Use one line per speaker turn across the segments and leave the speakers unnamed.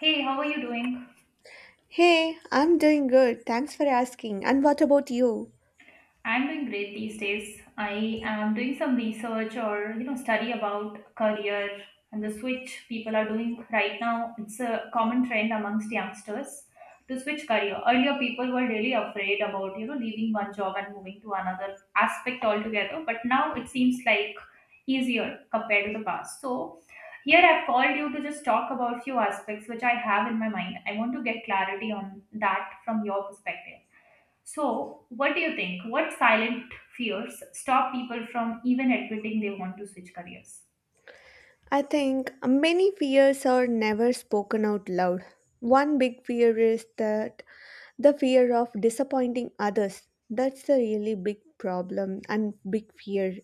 Hey, how are you doing?
Hey, I'm doing good. Thanks for asking. And what about you?
I'm doing great these days. I am doing some research or study about career and the switch people are doing right now. It's a common trend amongst youngsters to switch career. Earlier, people were really afraid about leaving one job and moving to another aspect altogether, but now it seems like easier compared to the past. So here I've called you to just talk about few aspects which I have in my mind. I want to get clarity on that from your perspective. So, what do you think? What silent fears stop people from even admitting they want to switch careers?
I think many fears are never spoken out loud. One big fear is that the fear of disappointing others. That's the really big problem and big fear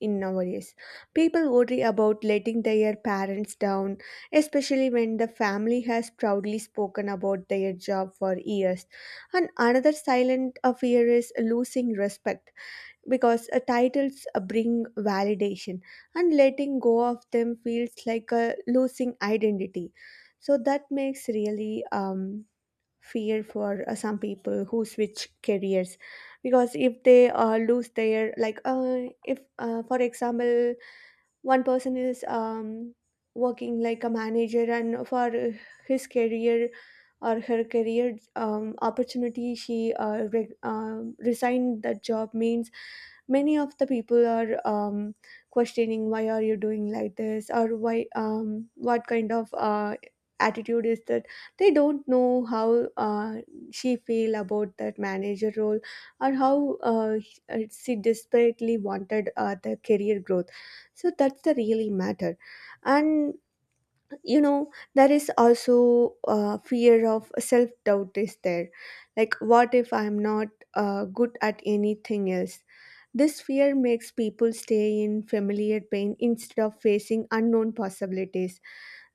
in nowadays. People worry about letting their parents down, especially when the family has proudly spoken about their job for years. And another silent fear is losing respect because titles bring validation, and letting go of them feels like losing identity, so that makes really fear for some people who switch careers, because if they lose their like if for example one person is working like a manager, and for his career or her career opportunity, she resigned that job, means many of the people are questioning, why are you doing like this? Or why what kind of attitude is that? They don't know how she feel about that manager role or how she desperately wanted the career growth. So that's the really matter. And you know there is also fear of self doubt is there, like what if I'm not good at anything else? This fear makes people stay in familiar pain instead of facing unknown possibilities,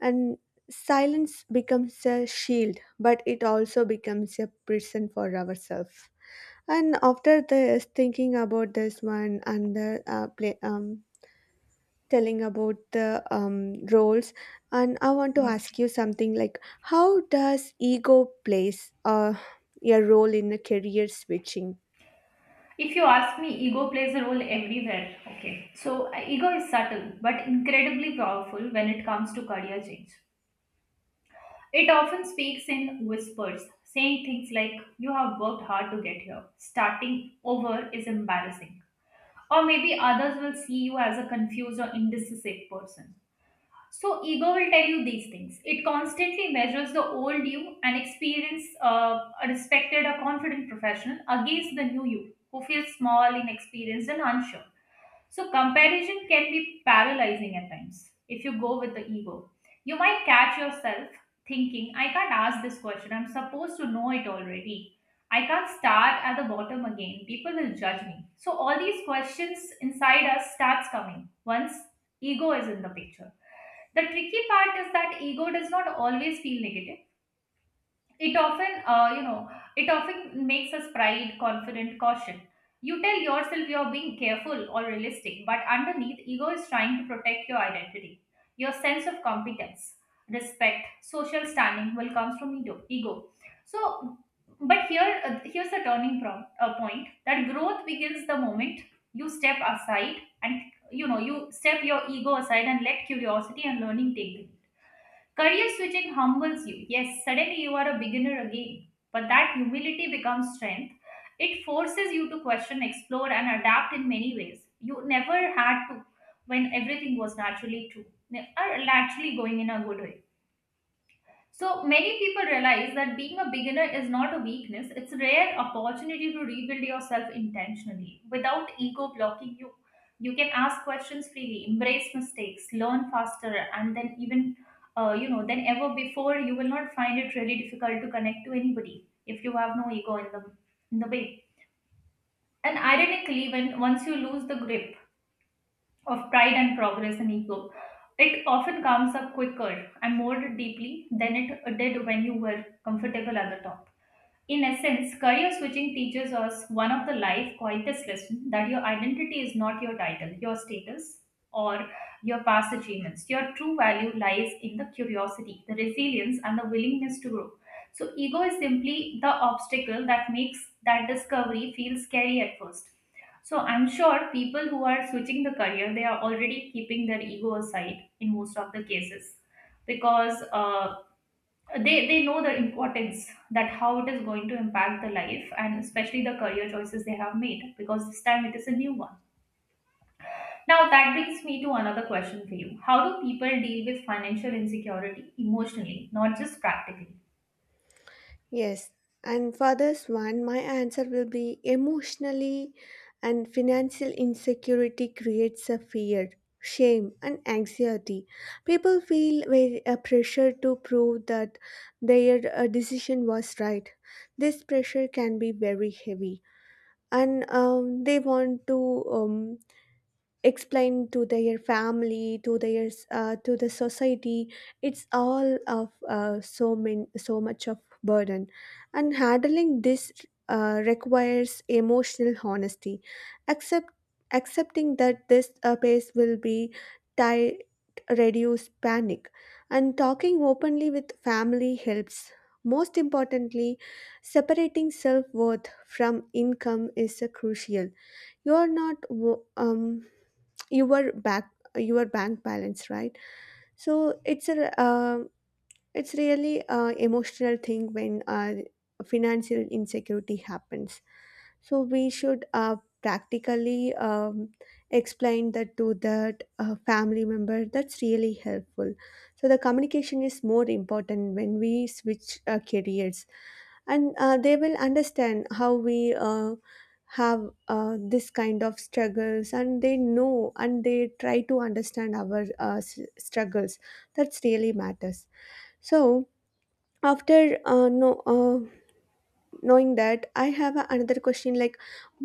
and silence becomes a shield, but it also becomes a prison for ourselves. And after this, thinking about this one and the play, telling about the roles, and I want to
Yes.
ask you something like, how does ego plays a role in a career switching?
If you ask me, ego plays a role everywhere. Okay. So, ego is subtle but incredibly powerful when it comes to career change. It often speaks in whispers, saying things like, you have worked hard to get here. Starting over is embarrassing. Or maybe others will see you as a confused or indecisive person. So ego will tell you these things. It constantly measures the old you, an experienced, a respected, a confident professional against the new you who feels small, inexperienced, and unsure. So, comparison can be paralyzing at times if you go with the ego. You might catch yourself thinking, I can't ask this question. I'm supposed to know it already. I can't start at the bottom again. People will judge me. So, all these questions inside us starts coming once ego is in the picture. The tricky part is that ego does not always feel negative. It often it often makes us pride, confident, caution. You tell yourself you're being careful or realistic, but underneath ego is trying to protect your identity, your sense of competence, respect, social standing will comes from ego so but here's the turning point that growth begins the moment you step aside and you step your ego aside and let curiosity and learning take the lead. Career switching humbles you. Yes, suddenly you are a beginner again, but that humility becomes strength. It forces you to question, explore, and adapt in many ways. You never had to when everything was naturally true, or naturally going in a good way. So many people realize that being a beginner is not a weakness, it's a rare opportunity to rebuild yourself intentionally. Without ego blocking you, you can ask questions freely, embrace mistakes, learn faster, and then even, than ever before, you will not find it really difficult to connect to anybody if you have no ego in the way. And ironically, when once you lose the grip of pride and progress and ego, it often comes up quicker and more deeply than it did when you were comfortable at the top. In essence, career switching teaches us one of the life quietest lesson, that your identity is not your title, your status, or your past achievements. Your true value lies in the curiosity, the resilience, and the willingness to grow. So, ego is simply the obstacle that makes that discovery feel scary at first. So, I'm sure people who are switching the career, they are already keeping their ego aside in most of the cases because they know the importance, that how it is going to impact the life and especially the career choices they have made because this time it is a new one. Now that brings me to another question for you. How do people deal with financial insecurity emotionally, not just practically?
Yes, and for this one, my answer will be emotionally, and financial insecurity creates a fear, shame, and anxiety. People feel very a pressure to prove that their decision was right. This pressure can be very heavy, and they want to. Um, Explain to their family, to their to the society, it's all of so many so much of burden, and handling this requires emotional honesty. Accept accepting that this pace will be tight, reduce panic, and talking openly with family helps. Most importantly, separating self-worth from income is crucial. You're not. Your back, your bank balance, right? So it's a it's really a emotional thing when financial insecurity happens. So we should practically explain that to that family member. That's really helpful. So the communication is more important when we switch careers, and they will understand how we have this kind of struggles, and they know and they try to understand our struggles. That's really matters. So after no. Knowing that I have another question, like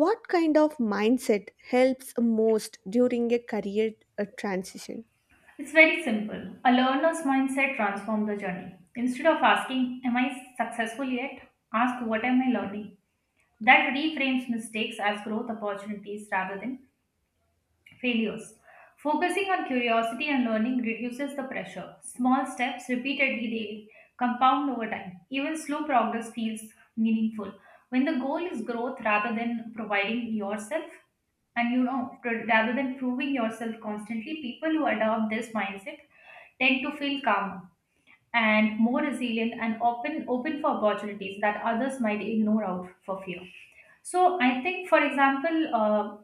what kind of mindset helps most during a career transition?
It's very simple. A learner's mindset transforms the journey. Instead of asking, am I successful yet, ask what am I learning. That reframes mistakes as growth opportunities rather than failures. Focusing on curiosity and learning reduces the pressure. Small steps repeatedly daily compound over time. Even slow progress feels meaningful. When the goal is growth rather than providing yourself, and you know, pr- rather than proving yourself constantly, people who adopt this mindset tend to feel calmer and more resilient and open for opportunities that others might ignore out for fear. So I think,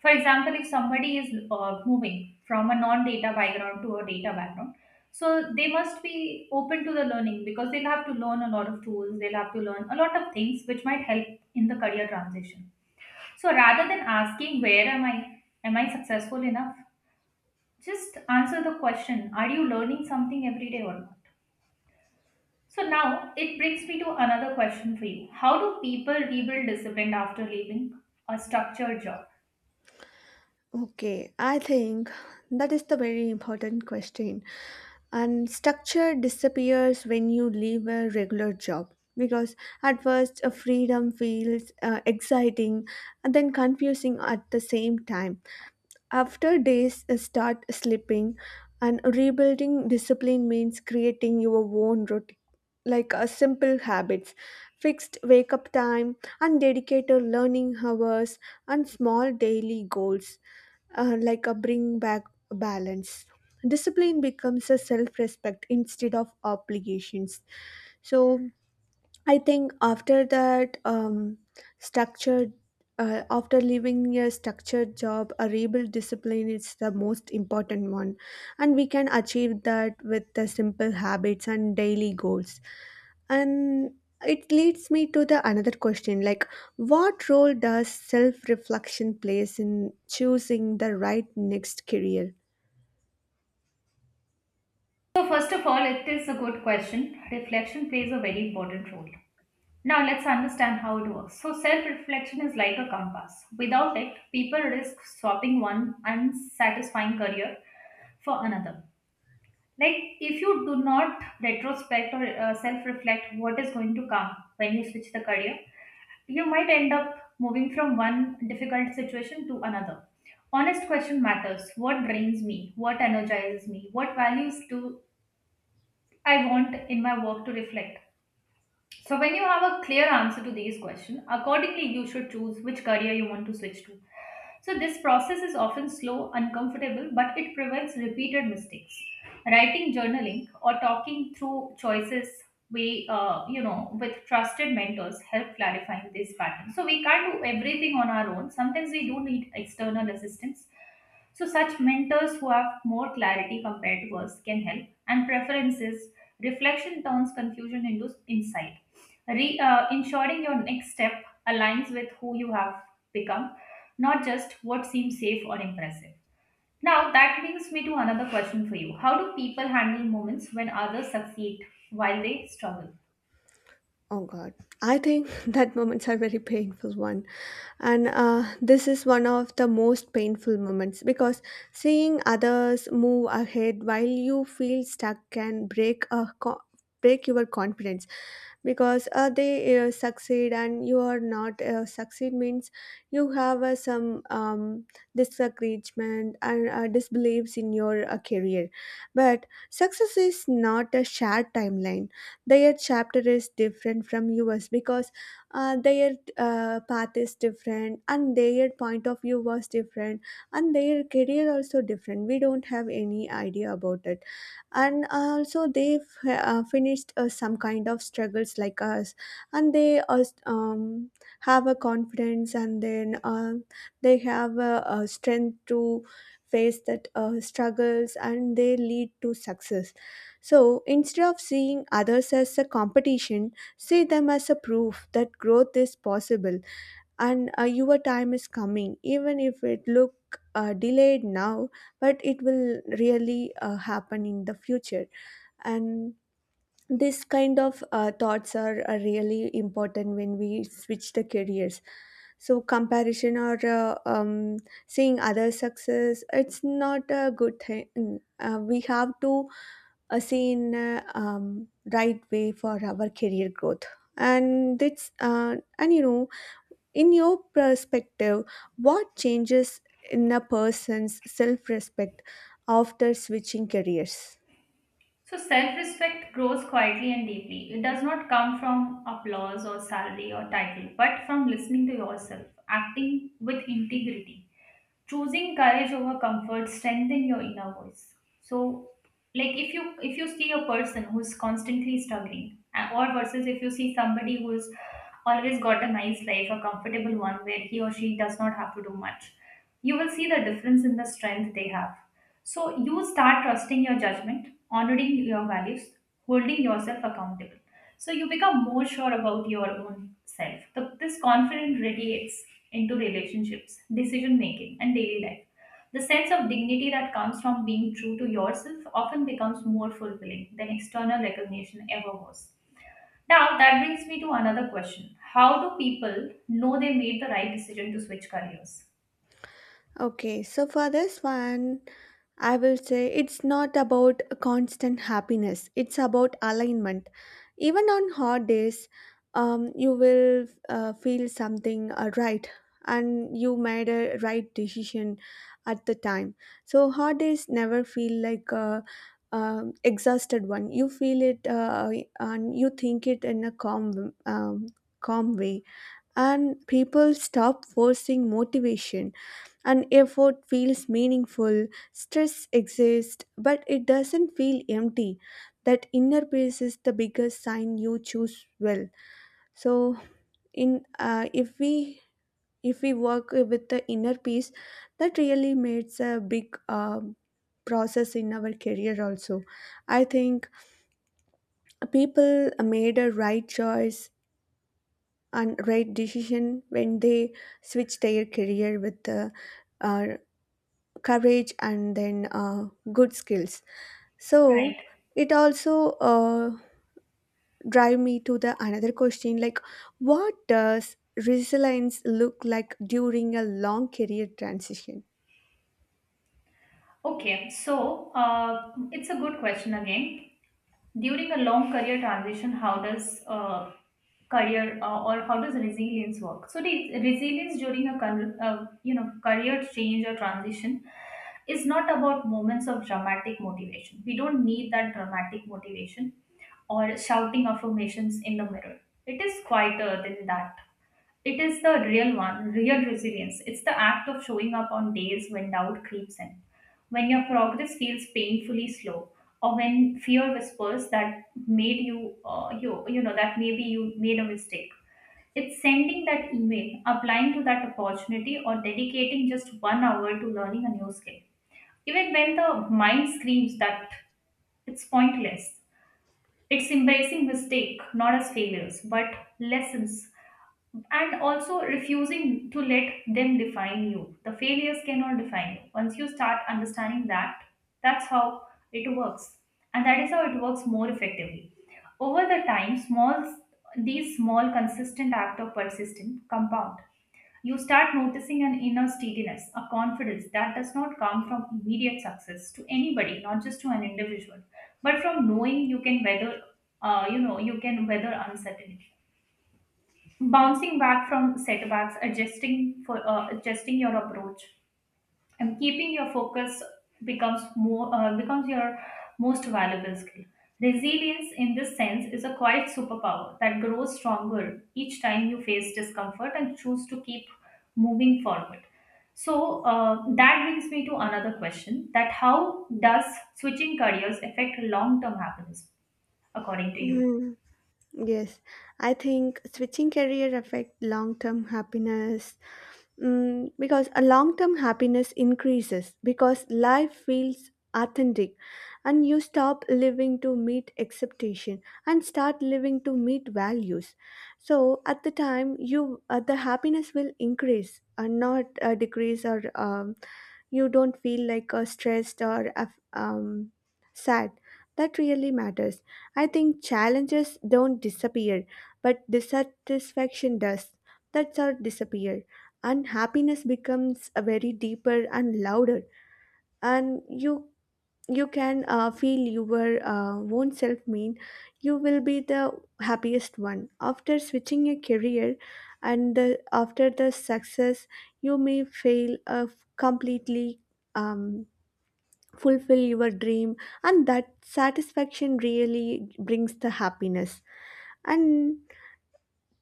for example, if somebody is moving from a non-data background to a data background, so they must be open to the learning because they'll have to learn a lot of tools, they'll have to learn a lot of things which might help in the career transition. So rather than asking where am I successful enough, just answer the question, are you learning something every day or not? So now it brings me to another question for you. How do people rebuild discipline after leaving a structured job?
Okay, I think that is the very important question, and structure disappears when you leave a regular job, because at first a freedom feels exciting and then confusing at the same time. After days start slipping, and rebuilding discipline means creating your own routine, like simple habits, fixed wake up time, and dedicated learning hours, and small daily goals, like a bring back balance. Discipline becomes a self respect instead of obligations. So, I think after that structured, after leaving a structured job, a rebel discipline is the most important one, and we can achieve that with the simple habits and daily goals. And it leads me to the another question, like what role does self reflection plays in choosing the right next career?
So, first of all, it is a good question. Reflection plays a very important role. Now, let's understand how it works. So, self reflection is like a compass. Without it, people risk swapping one unsatisfying career for another. Like, if you do not retrospect or self reflect what is going to come when you switch the career, you might end up moving from one difficult situation to another. Honest question matters. What drains me, what energizes me, what values do I want in my work to reflect. So, when you have a clear answer to these questions, accordingly you should choose which career you want to switch to. So, this process is often slow, uncomfortable, but it prevents repeated mistakes. Writing, journaling, or talking through choices we with trusted mentors help clarifying this pattern, so we can't do everything on our own. Sometimes we do need external assistance, so such mentors who have more clarity compared to us can help, and preferences, reflection turns confusion into insight. Ensuring your next step aligns with who you have become, not just what seems safe or impressive. Now, that brings me to another question for you. How do people handle moments when others succeed while they struggle?
Oh God, I think that moments are very painful one, and this is one of the most painful moments because seeing others move ahead while you feel stuck can break your confidence, because they succeed and you are not succeed, means you have some disagreement and disbeliefs in your career, but success is not a shared timeline. Their chapter is different from yours, because their path is different and their point of view was different, and their career also different. We don't have any idea about it. And also they finished some kind of struggles like us, and have a confidence, and then they have a strength to face that struggles, and they lead to success. So instead of seeing others as a competition, see them as a proof that growth is possible, and your time is coming, even if it look delayed now, but it will really happen in the future. And this kind of thoughts are really important when we switch the careers. So comparison or seeing other success, it's not a good thing. We have to a seen right way for our career growth. And it's and you know, in your perspective, what changes in a person's self-respect after switching careers?
So self respect grows quietly and deeply. It does not come from applause or salary or title, but from listening to yourself, acting with integrity, choosing courage over comfort, strengthen your inner voice. So, like if you see a person who is constantly struggling, or versus if you see somebody who is always got a nice life, a comfortable one where he or she does not have to do much, you will see the difference in the strength they have. So you start trusting your judgment, honoring your values, holding yourself accountable. So you become more sure about your own self. This confidence radiates into relationships, decision making, and daily life. The sense of dignity that comes from being true to yourself often becomes more fulfilling than external recognition ever was. Now, that brings me to another question. How do people know they made the right decision to switch careers?
Okay, so for this one, I will say it's not about constant happiness, it's about alignment. Even on hot days, you will feel something right, and you made a right decision at the time. So, hot days never feel like a exhausted one. You feel it and you think it in a calm, calm way. And people stop forcing motivation, an effort feels meaningful. Stress exists, but it doesn't feel empty. That inner peace is the biggest sign you choose well. So, in if we work with the inner peace, that really makes a big process in our career. Also, I think people made a right choice and right decision when they switched their career with the uh, courage and then good skills.
Right.
So it also drive me to the another question, like what does resilience look like during a long career transition?
Okay, so it's a good question again. During a long career transition, how does resilience work? So, the resilience during a career change or transition is not about moments of dramatic motivation. We don't need that dramatic motivation or shouting affirmations in the mirror. It is quieter than that. It is the real one, real resilience. It's the act of showing up on days when doubt creeps in, when your progress feels painfully slow, or when fear whispers that made you, that maybe you made a mistake. It's sending that email, applying to that opportunity, or dedicating just 1 hour to learning a new skill. Even when the mind screams that it's pointless, it's embracing mistake not as failures but lessons, and also refusing to let them define you. The failures cannot define you. Once you start understanding that, that's how it works, and that is how it works more effectively. Over the time, small these small consistent act of persistent compound. You start noticing an inner steadiness, a confidence that does not come from immediate success to anybody, not just to an individual, but from knowing you can you can weather uncertainty, bouncing back from setbacks, adjusting for adjusting your approach and keeping your focus becomes more becomes your most valuable skill. Resilience in this sense is a quiet superpower that grows stronger each time you face discomfort and choose to keep moving forward. So that brings me to another question: that how does switching careers affect long term happiness, according to you?
Yes, I think switching career affect long-term happiness, mm, because a long-term happiness increases because life feels authentic, and you stop living to meet expectation and start living to meet values. So at the time you the happiness will increase and not decrease or you don't feel like stressed or sad. That really matters. I think challenges don't disappear, but dissatisfaction does. That's how disappear. And happiness becomes a very deeper and louder. And you can feel your own self, mean you will be the happiest one after switching a career, and the, after the success you may fail completely um, fulfill your dream, and that satisfaction really brings the happiness. And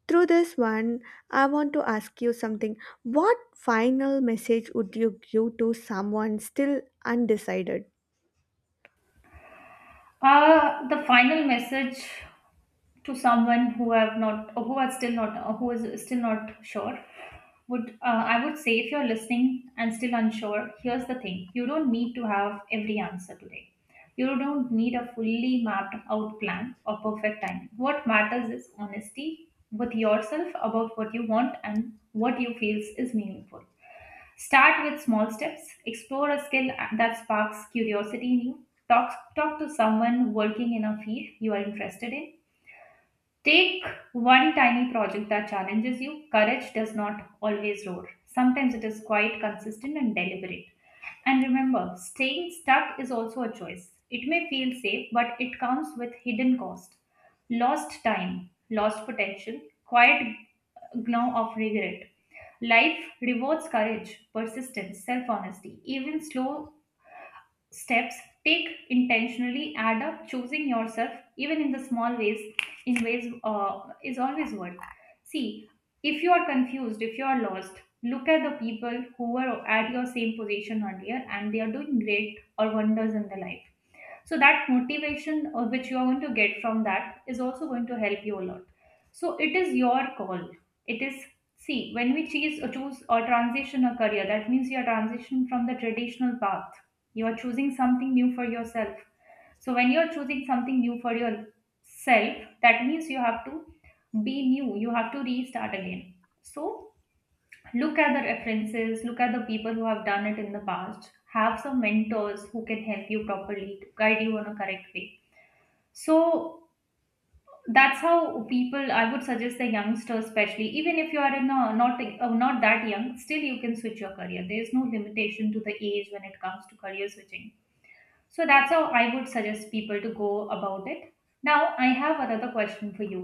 through this one, I want to ask you something. What final message would you give to someone still undecided?
The final message to someone who have not who are still not who is still not sure, would I would say, if you're listening and still unsure, here's the thing. You don't need to have every answer today. You don't need a fully mapped out plan or perfect timing. What matters is honesty with yourself about what you want and what you feels is meaningful. Start with small steps. Explore a skill that sparks curiosity in you. Talk to someone working in a field you are interested in. Take one tiny project that challenges you. Courage does not always roar. Sometimes it is quite consistent and deliberate. And remember, staying stuck is also a choice. It may feel safe, but it comes with hidden cost. Lost time, lost potential, quiet gnaw of regret. Life rewards courage, persistence, self honesty. Even slow steps take intentionally add up, choosing yourself even in the small ways, in ways is always worth. See, if you are confused, if you are lost, look at the people who were at your same position earlier and they are doing great or wonders in their life. So that motivation which you are going to get from that is also going to help you a lot. So it is your call. It is, see, when we choose or transition a career, that means you are transitioning from the traditional path. You are choosing something new for yourself. So when you are choosing something new for yourself, that means you have to be new. You have to restart again. So look at the references, look at the people who have done it in the past, have some mentors who can help you properly to guide you on a correct way. So that's how people, I would suggest the youngsters especially, even if you are in a, not that young, still you can switch your career. There is no limitation to the age when it comes to career switching. So that's how I would suggest people to go about it. Now I have another question for you,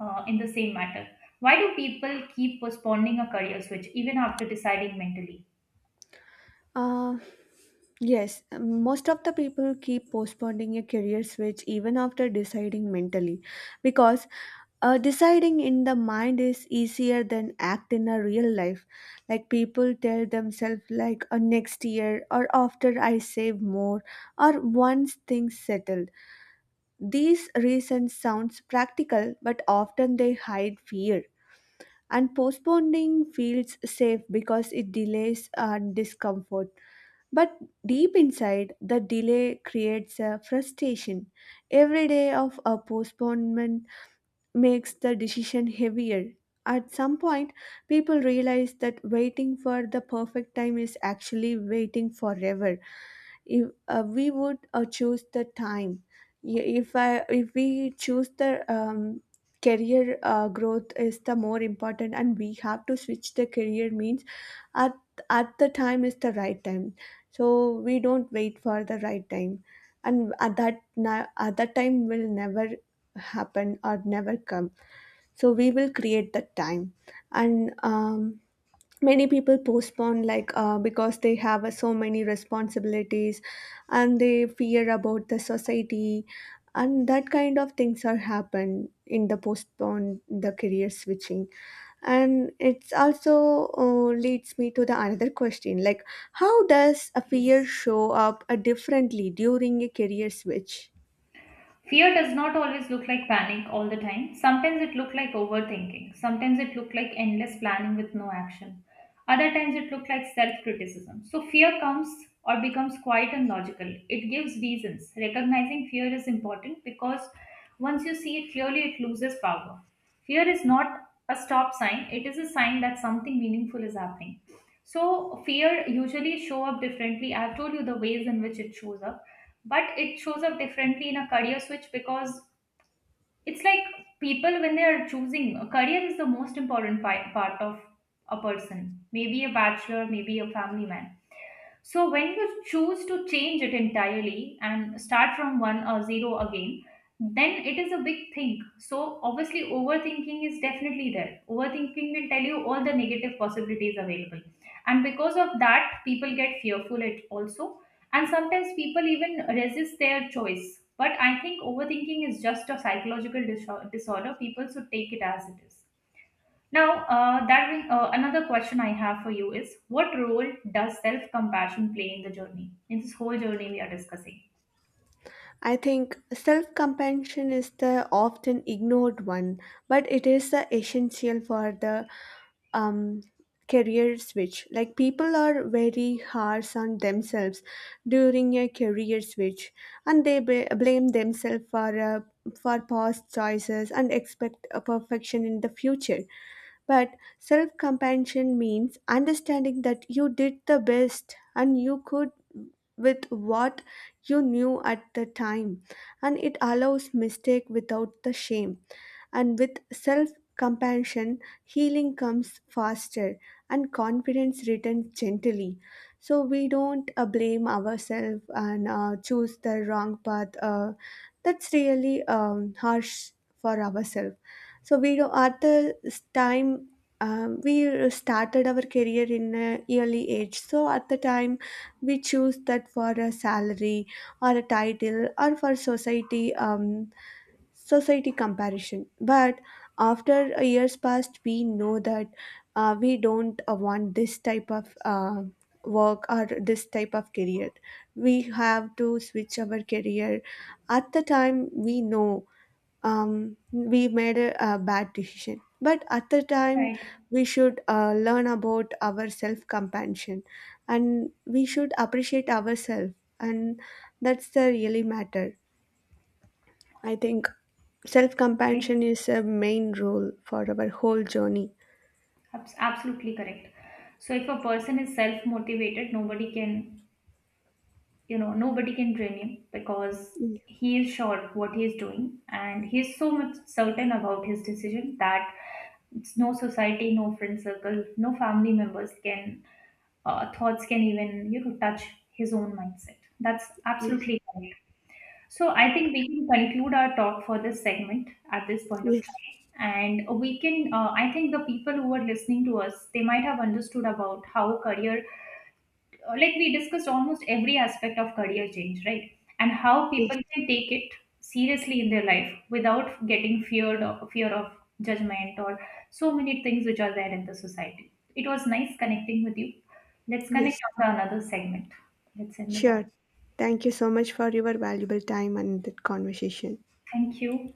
in the same matter. Why do people keep postponing a career switch even after deciding mentally?
Uh, yes, most of the people keep postponing a career switch even after deciding mentally, because deciding in the mind is easier than act in a real life. Like people tell themselves, like next year, or after I save more, or once things settle. These reasons sounds practical, but often they hide fear, and postponing feels safe because it delays and discomfort. But deep inside the delay creates a frustration. Every day of a postponement makes the decision heavier. At some point people realize that waiting for the perfect time is actually waiting forever. If we would choose the time, if I if we choose the um, career growth is the more important, and we have to switch the career, means at at the time is the right time. So we don't wait for the right time, and at that at that time will never happen or never come. So we will create that time. And many people postpone like because they have so many responsibilities, and they fear about the society, and that kind of things are happen in the postpone the career switching. And it's also leads me to the another question, like how does a fear
Yes.
show up differently during a career switch?
Fear does not always look like panic all the time. Sometimes it look like overthinking. Sometimes it look like endless planning with no action. Other times it look like self-criticism. So fear comes or becomes quiet and logical. It gives reasons. Recognizing fear is important because once you see it clearly, it loses power. Fear is not a stop sign. It is a sign that something meaningful is happening. So fear usually show up differently. I've told you the ways in which it shows up, but it shows up differently in a career switch because it's like, people, when they are choosing a career, is the most important part of a person, maybe a bachelor, maybe a family man. So when you choose to change it entirely and start from one or zero again, then it is a big thing. So obviously overthinking is definitely there. Overthinking will tell you all the negative possibilities available. And because of that, people get fearful it also. And sometimes people even resist their choice. But I think overthinking is just a psychological disorder. People should take it as it is. Now, that brings another question I have for you is, what role does self compassion play in the journey, in this whole journey we are discussing?
I think self-compassion is the often ignored one, but it is the essential for the um, career switch. Like people are very harsh on themselves during a career switch, and they blame themselves for past choices and expect a perfection in the future. But self compassion means understanding that you did the best and you could with what you knew at the time, and it allows mistake without the shame. And with self compassion, healing comes faster and confidence returns gently. So we don't blame ourselves and choose the wrong path. That's really harsh for ourselves. So we do at the time, we started our career in a early age, so at the time we choose that for a salary or a title or for society, society comparison. But after years passed, we know that we don't want this type of work or this type of career, we have to switch our career. At the time we know we made a bad decision. But at the time
Right.
we should learn about our self compassion, and we should appreciate ourselves. And that's the really matter. I think self compassion
Okay.
is a main role for our whole journey.
Absolutely correct. So if a person is self motivated, nobody can, you know, nobody can drain him because
Ye-
he is sure what he is doing and he is so much certain about his decision that it's no society, no friend circle, no family members can, thoughts can even, you know, touch his own mindset. That's
Yes,
absolutely correct. So I think we can conclude our talk for this segment at this point of
yes,
time. And we can, I think the people who are listening to us, they might have understood about how career, like we discussed almost every aspect of career change, right? And how
yes,
people can take it seriously in their life without getting feared of fear of judgment or so many things which are there in the society. It was nice connecting with you. Let's connect
yes.
on the another segment. Let's end the talk.
Sure. Thank you so much for your valuable time and that conversation.
Thank you.